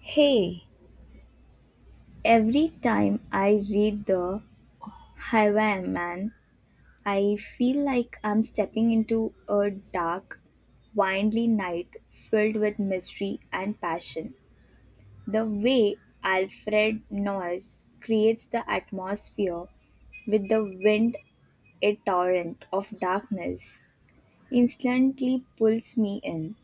Hey, every time I read the Highwayman, I feel like I'm stepping into a dark, windly night filled with mystery and passion. The way Alfred Noyes creates the atmosphere with the wind, a torrent of darkness, instantly pulls me in.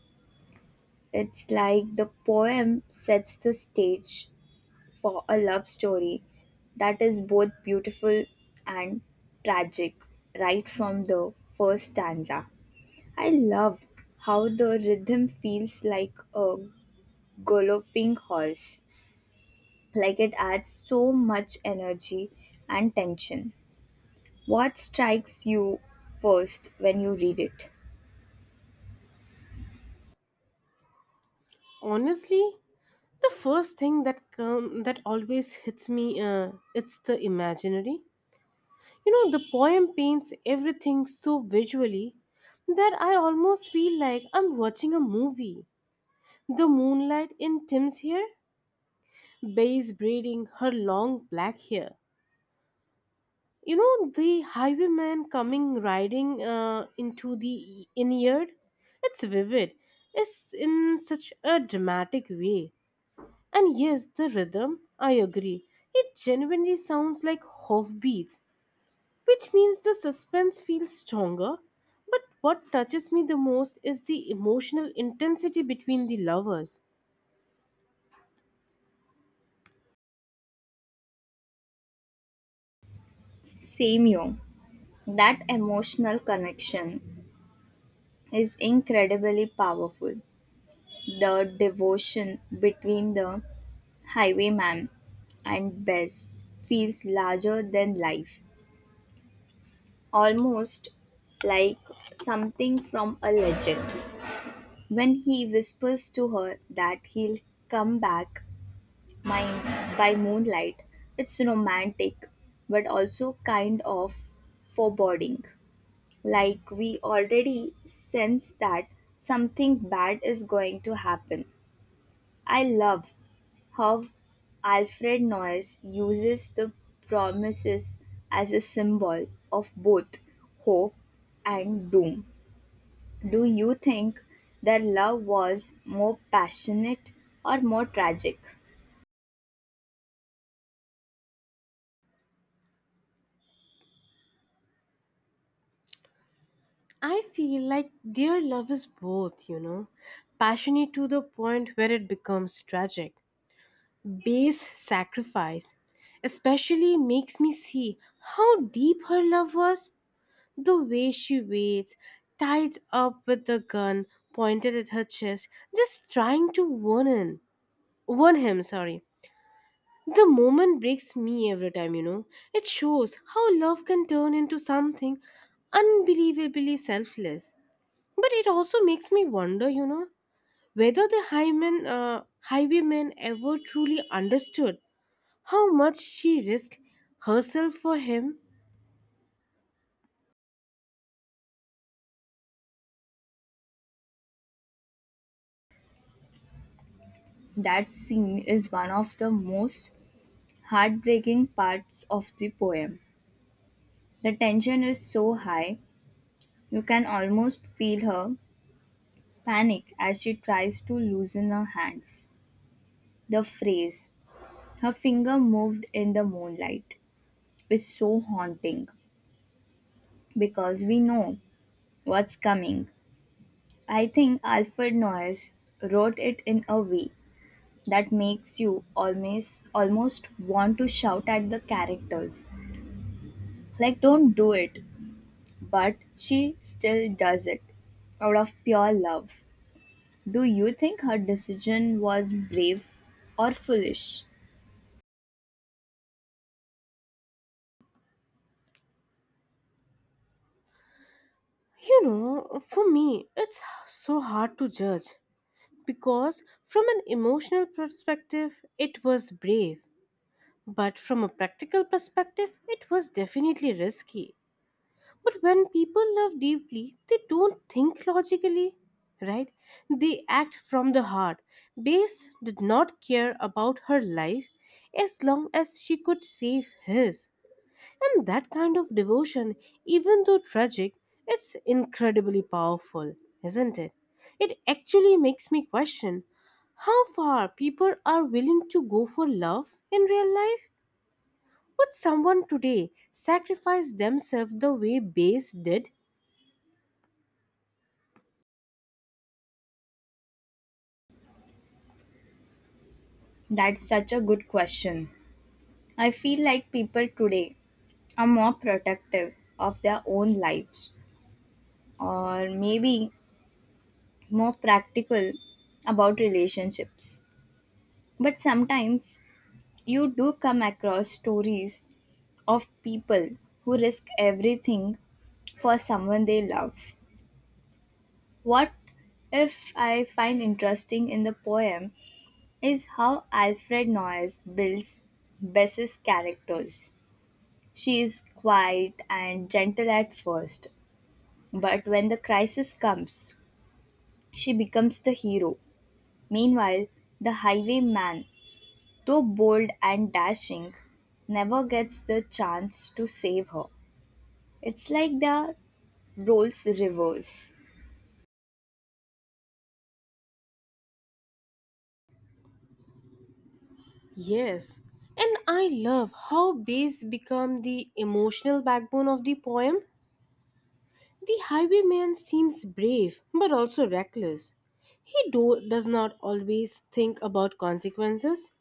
It's like the poem sets the stage for a love story that is both beautiful and tragic right from the first stanza. I love how the rhythm feels like a galloping horse, like it adds so much energy and tension. What strikes you first when you read it? Honestly, the first thing that always hits me it's the imaginary. You know, the poem paints everything so visually that I almost feel like I'm watching a movie. The moonlight in Tim's hair, Bae's braiding her long black hair. You know, the highwayman coming riding into the inn yard. It's vivid. It's in such a dramatic way. And yes, the rhythm, I agree. It genuinely sounds like hoofbeats, which means the suspense feels stronger. But what touches me the most is the emotional intensity between the lovers. Same you. That emotional connection is incredibly powerful. The devotion between the highwayman and Bess feels larger than life, almost like something from a legend. When he whispers to her that he'll come back my, by moonlight, it's romantic but also kind of foreboding. Like we already sense that something bad is going to happen. I love how Alfred Noyes uses the promises as a symbol of both hope and doom. Do you think their love was more passionate or more tragic? I feel like their love is both, you know, passionate to the point where it becomes tragic. Base sacrifice especially makes me see how deep her love was. The way she waits, tied up with the gun pointed at her chest, just trying to warn him. Warn him, sorry. The moment breaks me every time, you know. It shows how love can turn into something unbelievably selfless. But it also makes me wonder, you know, whether the highwayman ever truly understood how much she risked herself for him. That scene is one of the most heartbreaking parts of the poem. The tension is so high, you can almost feel her panic as she tries to loosen her hands. The phrase, her finger moved in the moonlight. It's so haunting because we know what's coming. I think Alfred Noyes wrote it in a way that makes you almost want to shout at the characters. Like don't do it, but she still does it out of pure love. Do you think her decision was brave or foolish? You know, for me, it's so hard to judge. Because from an emotional perspective it was brave, but from a practical perspective it was definitely risky. But when people love deeply they don't think logically, right? They act from the heart. Base did not care about her life as long as she could save his. And that kind of devotion, even though tragic, it's incredibly powerful, isn't it? It actually makes me question how far people are willing to go for love in real life. Would someone today sacrifice themselves the way Base did? That's such a good question. I feel like people today are more protective of their own lives or maybe more practical about relationships. But sometimes you do come across stories of people who risk everything for someone they love. What if I find interesting in the poem is how Alfred Noyes builds Bess's characters. She is quiet and gentle at first, but when the crisis comes, she becomes the hero. Meanwhile, the highwayman, though bold and dashing, never gets the chance to save her. It's like the roles reverse. Yes, and I love how Base become the emotional backbone of the poem. The highwayman seems brave but also reckless. Does not always think about consequences,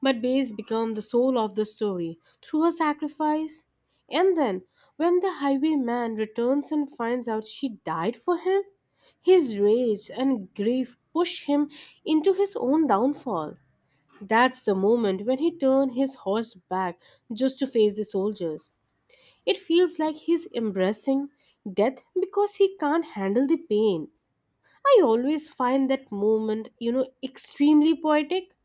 but Bayes becomes the soul of the story through her sacrifice. And then, when the highwayman returns and finds out she died for him, his rage and grief push him into his own downfall. That's the moment when he turns his horse back just to face the soldiers. It feels like he's embracing death because he can't handle the pain. I always find that moment, you know, extremely poetic.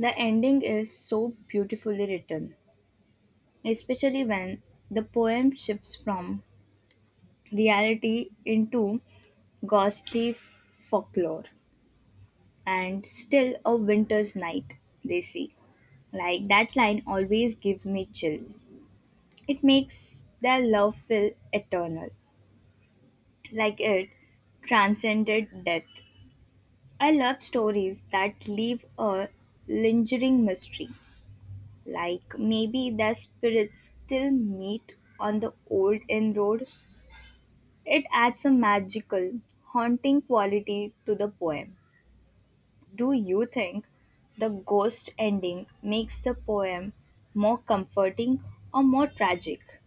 The ending is so beautifully written, especially when the poem shifts from reality into ghostly folklore and still a winter's night, they say. Like that line always gives me chills. It makes their love feel eternal, like it transcended death. I love stories that leave a lingering mystery, like maybe their spirits still meet on the old inn road. It adds a magical, haunting quality to the poem. Do you think the ghost ending makes the poem more comforting or more tragic?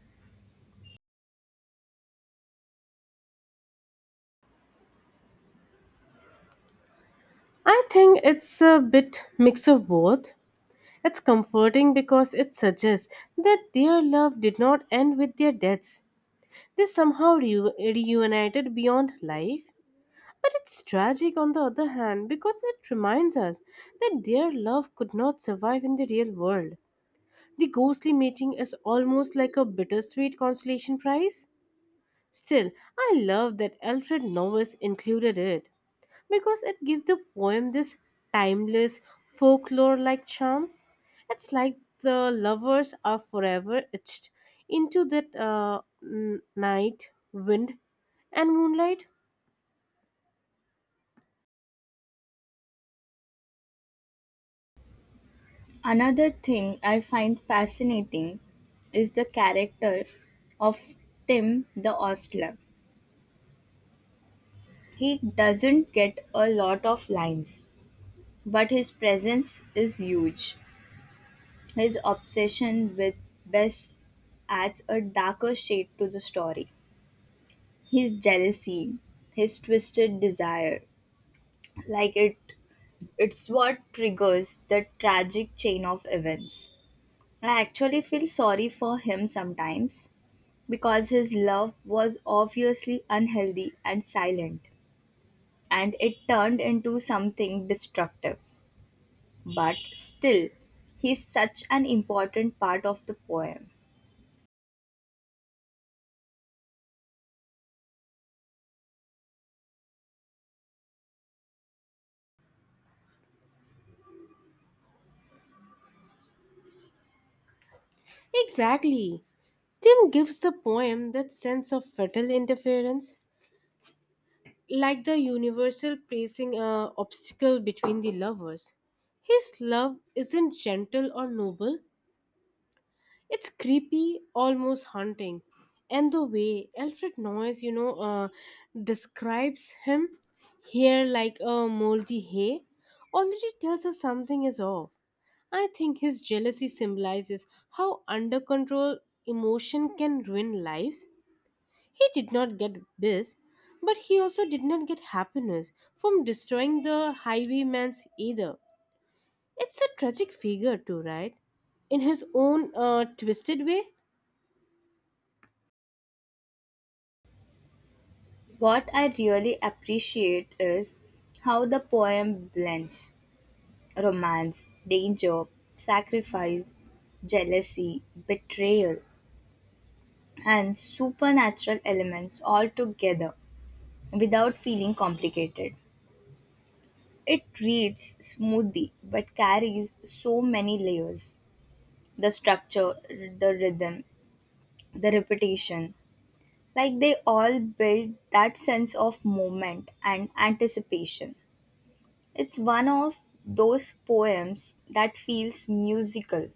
I think it's a bit mix of both. It's comforting because it suggests that their love did not end with their deaths. They somehow reunited beyond life. But it's tragic on the other hand because it reminds us that their love could not survive in the real world. The ghostly meeting is almost like a bittersweet consolation prize. Still, I love that Alfred Norris included it because it gives the poem this timeless, folklore like charm. It's like the lovers are forever etched into that night, wind, and moonlight. Another thing I find fascinating is the character of Tim the Ostler. He doesn't get a lot of lines, but his presence is huge. His obsession with Bess adds a darker shade to the story. His jealousy, his twisted desire, like it it's what triggers the tragic chain of events. I actually feel sorry for him sometimes because his love was obviously unhealthy and silent, and it turned into something destructive. But still, he's such an important part of the poem. Exactly. Tim gives the poem that sense of fatal interference, like the universal placing a obstacle between the lovers. His love isn't gentle or noble, it's creepy, almost haunting. And the way Alfred Noyes, you know, describes him here like a moldy hay already tells us something is off. I think his jealousy symbolizes how under control emotion can ruin lives. He did not get bliss, but he also did not get happiness from destroying the highwayman's either. It's a tragic figure, too, right? In his own twisted way? What I really appreciate is how the poem blends romance, danger, sacrifice, jealousy, betrayal, and supernatural elements all together without feeling complicated. It reads smoothly but carries so many layers: the structure, the rhythm, the repetition. Like they all build that sense of moment and anticipation. It's one of those poems that feels musical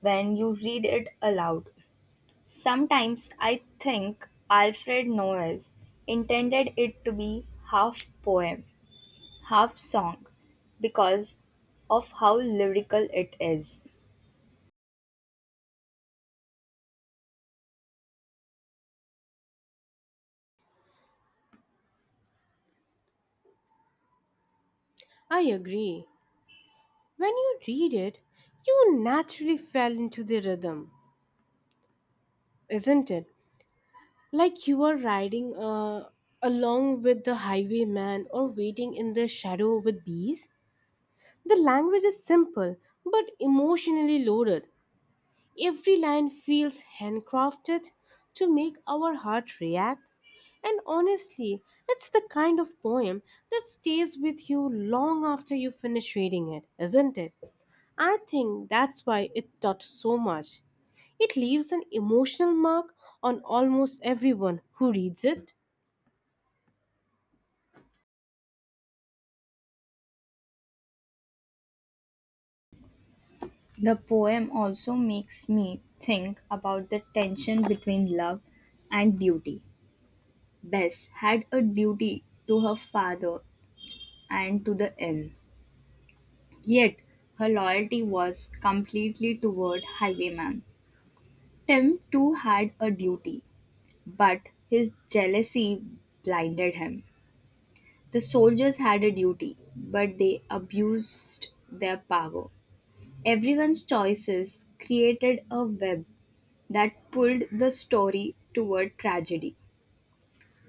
when you read it aloud. Sometimes I think Alfred Noel's intended it to be half poem half song because of how lyrical it is. I agree. When you read it, you naturally fell into the rhythm, isn't it? Like you are riding along with the highwayman or waiting in the shadow with bees. The language is simple but emotionally loaded. Every line feels handcrafted to make our heart react. And honestly, it's the kind of poem that stays with you long after you finish reading it, isn't it? I think that's why it taught so much. It leaves an emotional mark on almost everyone who reads it. The poem also makes me think about the tension between love and duty. Bess had a duty to her father and to the inn, yet her loyalty was completely toward Highwayman. Tim too had a duty, but his jealousy blinded him. The soldiers had a duty, but they abused their power. Everyone's choices created a web that pulled the story toward tragedy.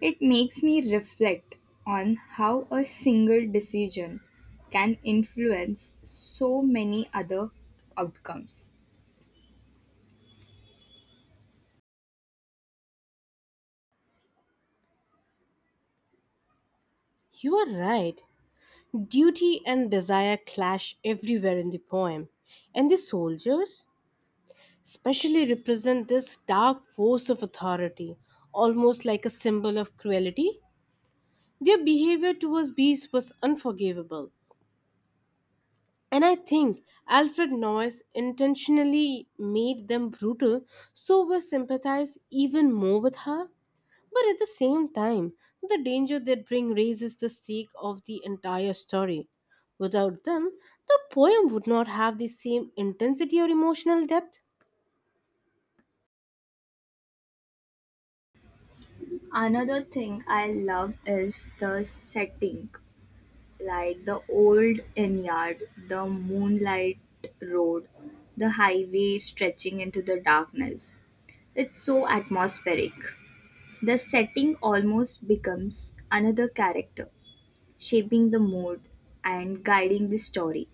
It makes me reflect on how a single decision can influence so many other outcomes. You are right. Duty and desire clash everywhere in the poem. And the soldiers? Especially represent this dark force of authority, almost like a symbol of cruelty. Their behavior towards bees was unforgivable. And I think Alfred Noyes intentionally made them brutal so we sympathize even more with her. But at the same time, the danger they bring raises the stake of the entire story. Without them, the poem would not have the same intensity or emotional depth. Another thing I love is the setting, like the old inn yard, the moonlight road, the highway stretching into the darkness. It's so atmospheric. The setting almost becomes another character, shaping the mood and guiding the story.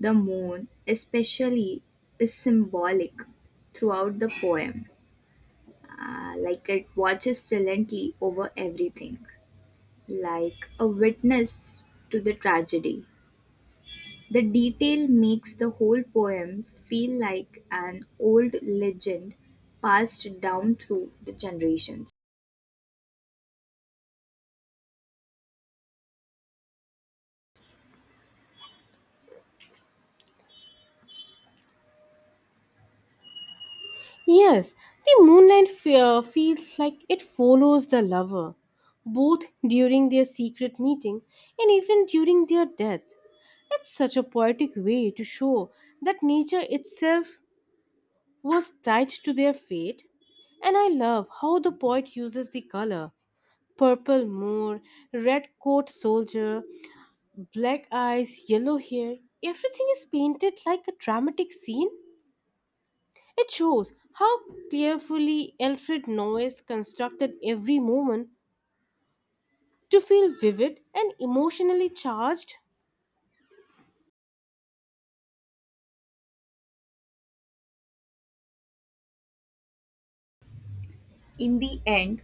The moon, especially, is symbolic throughout the poem, like it watches silently over everything, like a witness to the tragedy. The detail makes the whole poem feel like an old legend passed down through the generations. Yes, the moonlight fear feels like it follows the lover, both during their secret meeting and even during their death. It's such a poetic way to show that nature itself was tied to their fate. And I love how the poet uses the color purple moor, red coat soldier, black eyes, yellow hair. Everything is painted like a dramatic scene. It shows how carefully Alfred Noyes constructed every moment to feel vivid and emotionally charged. In the end,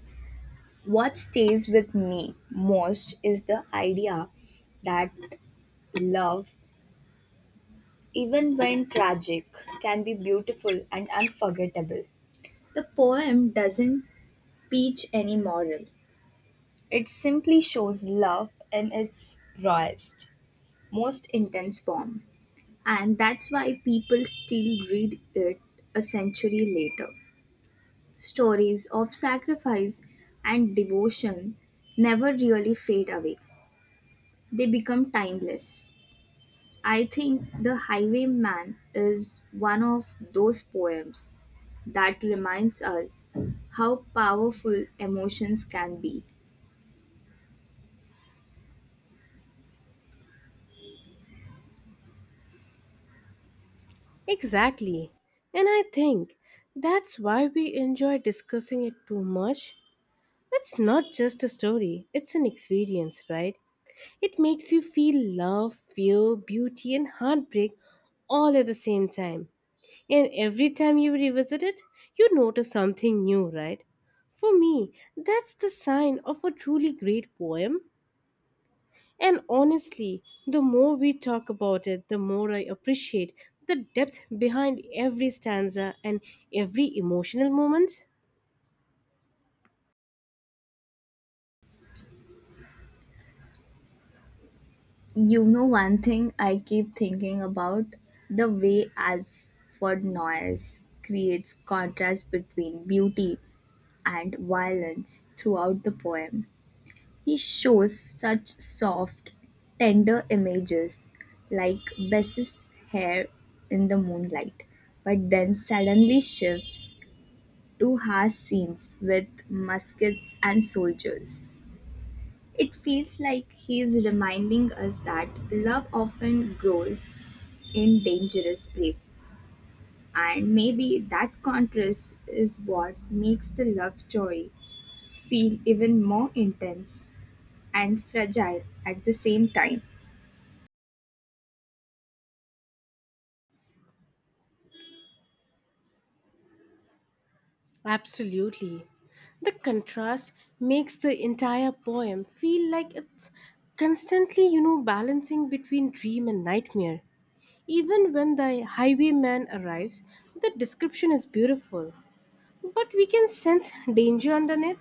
what stays with me most is the idea that love, even when tragic, can be beautiful and unforgettable. The poem doesn't preach any moral, it simply shows love in its rawest, most intense form. And that's why people still read it a century later. Stories of sacrifice and devotion never really fade away. They become timeless. I think The Highwayman is one of those poems that reminds us how powerful emotions can be. Exactly. And I think that's why we enjoy discussing it too much. It's not just a story, it's an experience, right? It makes you feel love, fear, beauty, and heartbreak all at the same time. And every time you revisit it, you notice something new, right? For me, that's the sign of a truly great poem. And honestly, the more we talk about it, the more I appreciate the depth behind every stanza and every emotional moment. You know, one thing I keep thinking about the way Alfred Noyes creates contrast between beauty and violence throughout the poem. He shows such soft, tender images, like Bess's hair in the moonlight, but then suddenly shifts to harsh scenes with muskets and soldiers. It feels like he is reminding us that love often grows in dangerous places, and maybe that contrast is what makes the love story feel even more intense and fragile at the same time. Absolutely. The contrast makes the entire poem feel like it's constantly, you know, balancing between dream and nightmare. Even when the highwayman arrives, the description is beautiful, but we can sense danger underneath.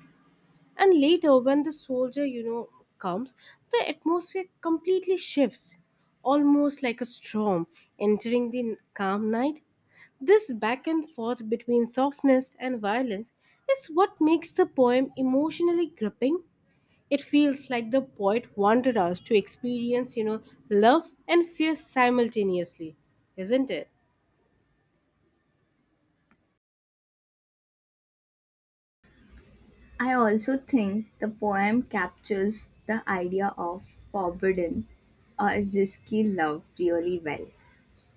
And later, when the soldier, you know, comes, the atmosphere completely shifts, almost like a storm entering the calm night. This back and forth between softness and violence is what makes the poem emotionally gripping. It feels like the poet wanted us to experience, you know, love and fear simultaneously, isn't it? I also think the poem captures the idea of forbidden or risky love really well.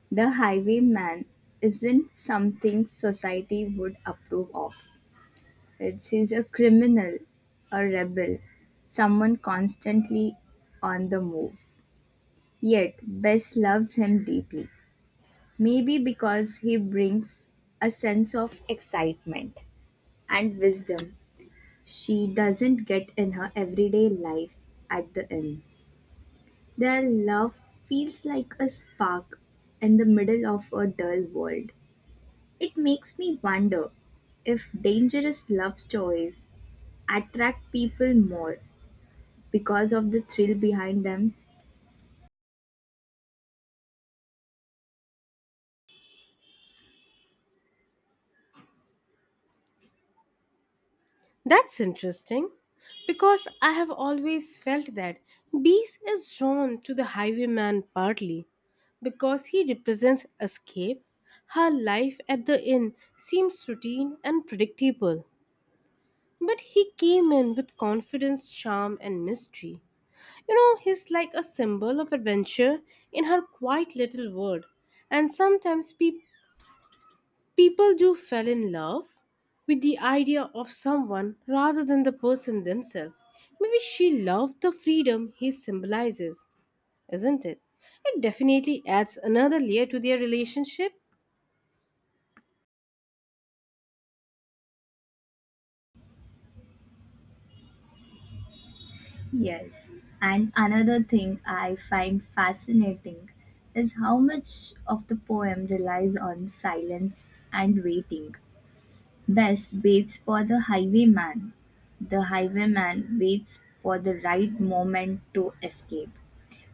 The highwayman isn't something society would approve of. It's he's a criminal, a rebel, someone constantly on the move. Yet Bess loves him deeply. Maybe because he brings a sense of excitement and wisdom she doesn't get in her everyday life at the inn. Their love feels like a spark in the middle of a dull world. It makes me wonder if dangerous love stories attract people more because of the thrill behind them. That's interesting because I have always felt that Beast is drawn to the highwayman partly because he represents escape. Her life at the inn seems routine and predictable, but he came in with confidence, charm, and mystery. You know, he's like a symbol of adventure in her quiet little world. And sometimes people do fall in love with the idea of someone rather than the person themselves. Maybe she loved the freedom he symbolizes, isn't it? It definitely adds another layer to their relationship. Yes. And another thing I find fascinating is how much of the poem relies on silence and waiting. Bess waits for the highwayman. The highwayman waits for the right moment to escape.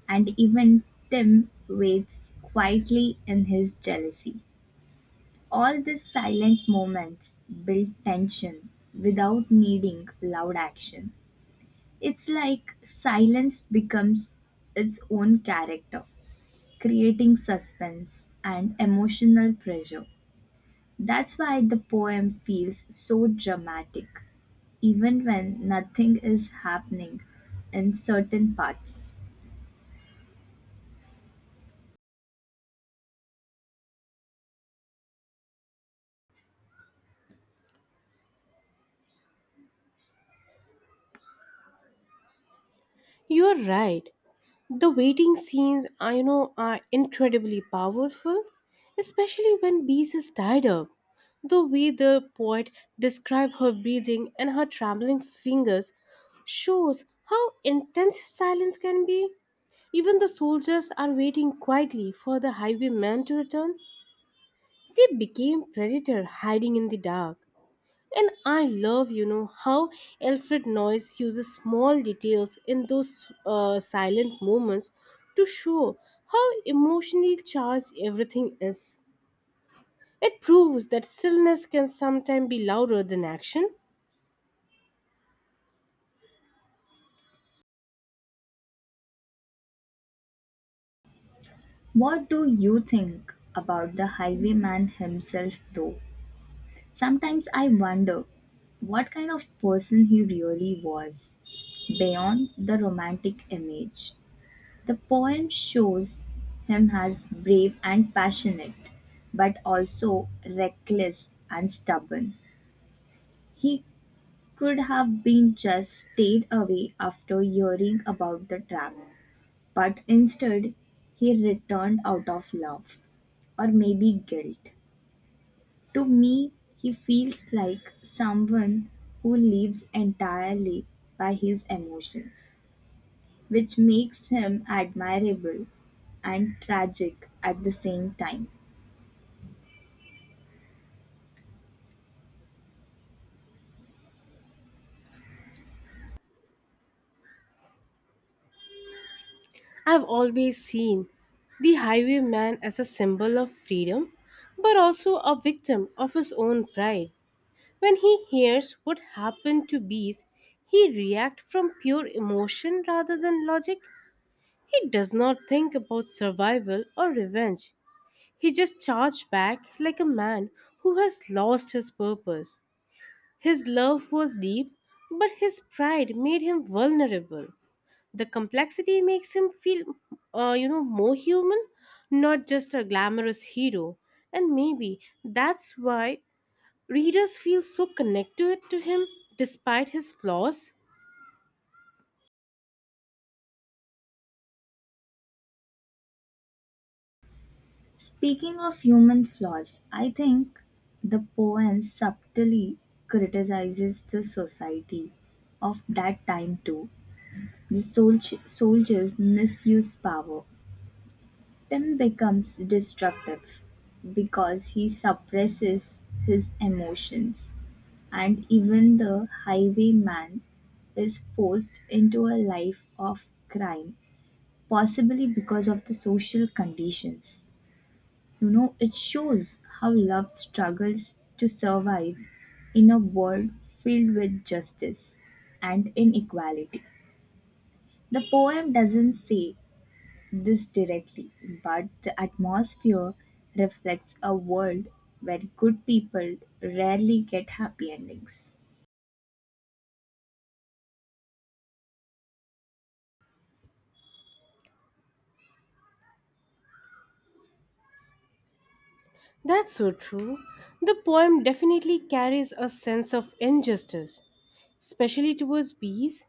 And even Tim waits quietly in his jealousy. All these silent moments build tension without needing loud action. It's like silence becomes its own character, creating suspense and emotional pressure. That's why the poem feels so dramatic, even when nothing is happening in certain parts. You're right. The waiting scenes are, you know, are incredibly powerful, especially when Bees is tied up. The way the poet describes her breathing and her trembling fingers shows how intense silence can be. Even the soldiers are waiting quietly for the highwayman to return. They became predator hiding in the dark. And I love, you know, how Alfred Noyce uses small details in those silent moments to show how emotionally charged everything is. It proves that stillness can sometimes be louder than action. What do you think about the highwayman himself, though? Sometimes I wonder what kind of person he really was, beyond the romantic image. The poem shows him as brave and passionate, but also reckless and stubborn. He could have been just stayed away after hearing about the trap, but instead he returned out of love or maybe guilt. To me, he feels like someone who lives entirely by his emotions, which makes him admirable and tragic at the same time. I've always seen the highwayman as a symbol of freedom, but also a victim of his own pride. When he hears what happened to bees, he reacts from pure emotion rather than logic. He does not think about survival or revenge. He just charged back like a man who has lost his purpose. His love was deep, but his pride made him vulnerable. The complexity makes him feel, you know, more human, not just a glamorous hero. And maybe that's why readers feel so connected to him despite his flaws. Speaking of human flaws, I think the poem subtly criticizes the society of that time too. The soldiers misuse power. Tim becomes destructive because he suppresses his emotions, and even the highwayman is forced into a life of crime, possibly because of the social conditions. You know, it shows how love struggles to survive in a world filled with justice and inequality. The poem doesn't say this directly, but the atmosphere reflects a world where good people rarely get happy endings. That's so true. The poem definitely carries a sense of injustice, especially towards bees.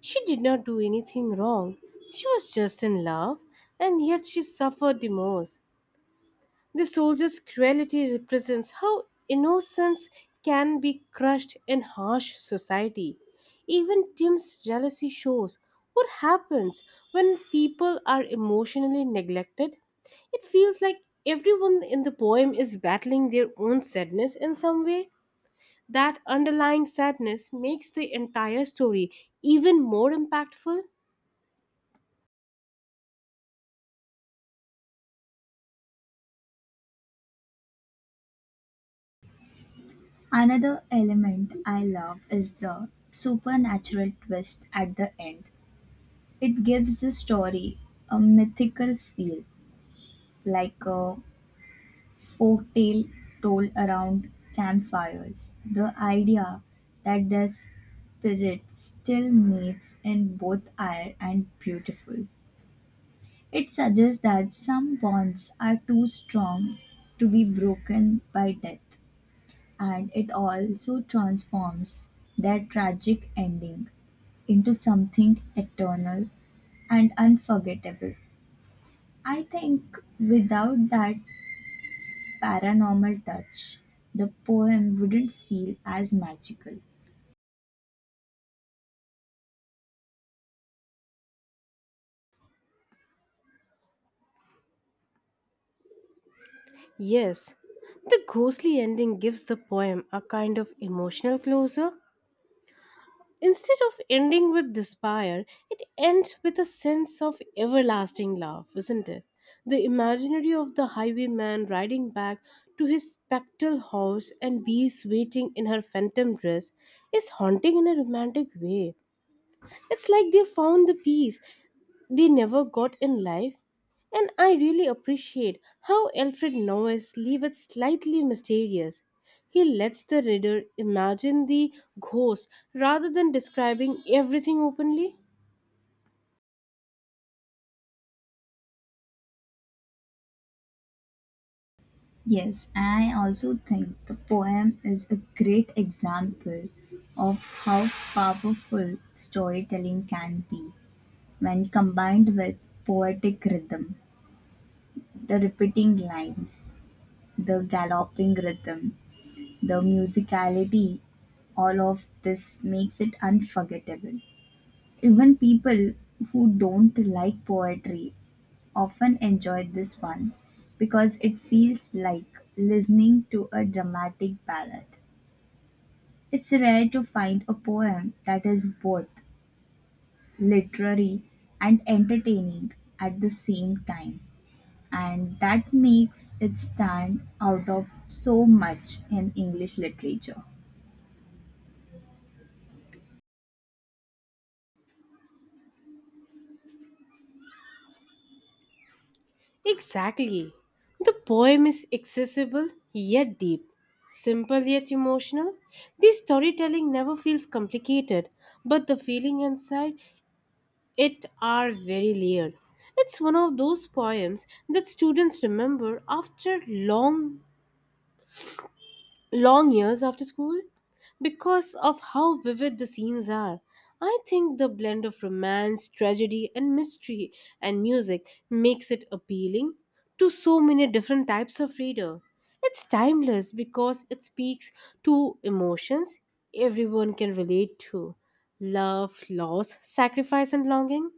She did not do anything wrong. She was just in love, and yet she suffered the most. The soldier's cruelty represents how innocence can be crushed in harsh society. Even Tim's jealousy shows what happens when people are emotionally neglected. It feels like everyone in the poem is battling their own sadness in some way. That underlying sadness makes the entire story even more impactful. Another element I love is the supernatural twist at the end. It gives the story a mythical feel, like a folktale told around campfires, the idea that their spirit still meets in both air and beautiful. It suggests that some bonds are too strong to be broken by death, and it also transforms their tragic ending into something eternal and unforgettable. I think without that paranormal touch, the poem wouldn't feel as magical. Yes, the ghostly ending gives the poem a kind of emotional closure. Instead of ending with despair, it ends with a sense of everlasting love, isn't it? The imaginary of the highwayman riding back to his spectral house and bees waiting in her phantom dress is haunting in a romantic way. It's like they found the peace they never got in life. And I really appreciate how Alfred Norris leaves it slightly mysterious. He lets the reader imagine the ghost rather than describing everything openly. Yes, I also think the poem is a great example of how powerful storytelling can be when combined with poetic rhythm, the repeating lines, the galloping rhythm, the musicality, all of this makes it unforgettable. Even people who don't like poetry often enjoy this one because it feels like listening to a dramatic ballad. It's rare to find a poem that is both literary and entertaining at the same time, and that makes it stand out of so much in English literature. Exactly. The poem is accessible yet deep, simple yet emotional. The storytelling never feels complicated, but the feeling inside it are very layered. It's one of those poems that students remember after long years after school because of how vivid the scenes are. I think the blend of romance, tragedy and mystery and music makes it appealing to so many different types of reader. It's timeless because it speaks to emotions everyone can relate to love, loss, sacrifice and longing.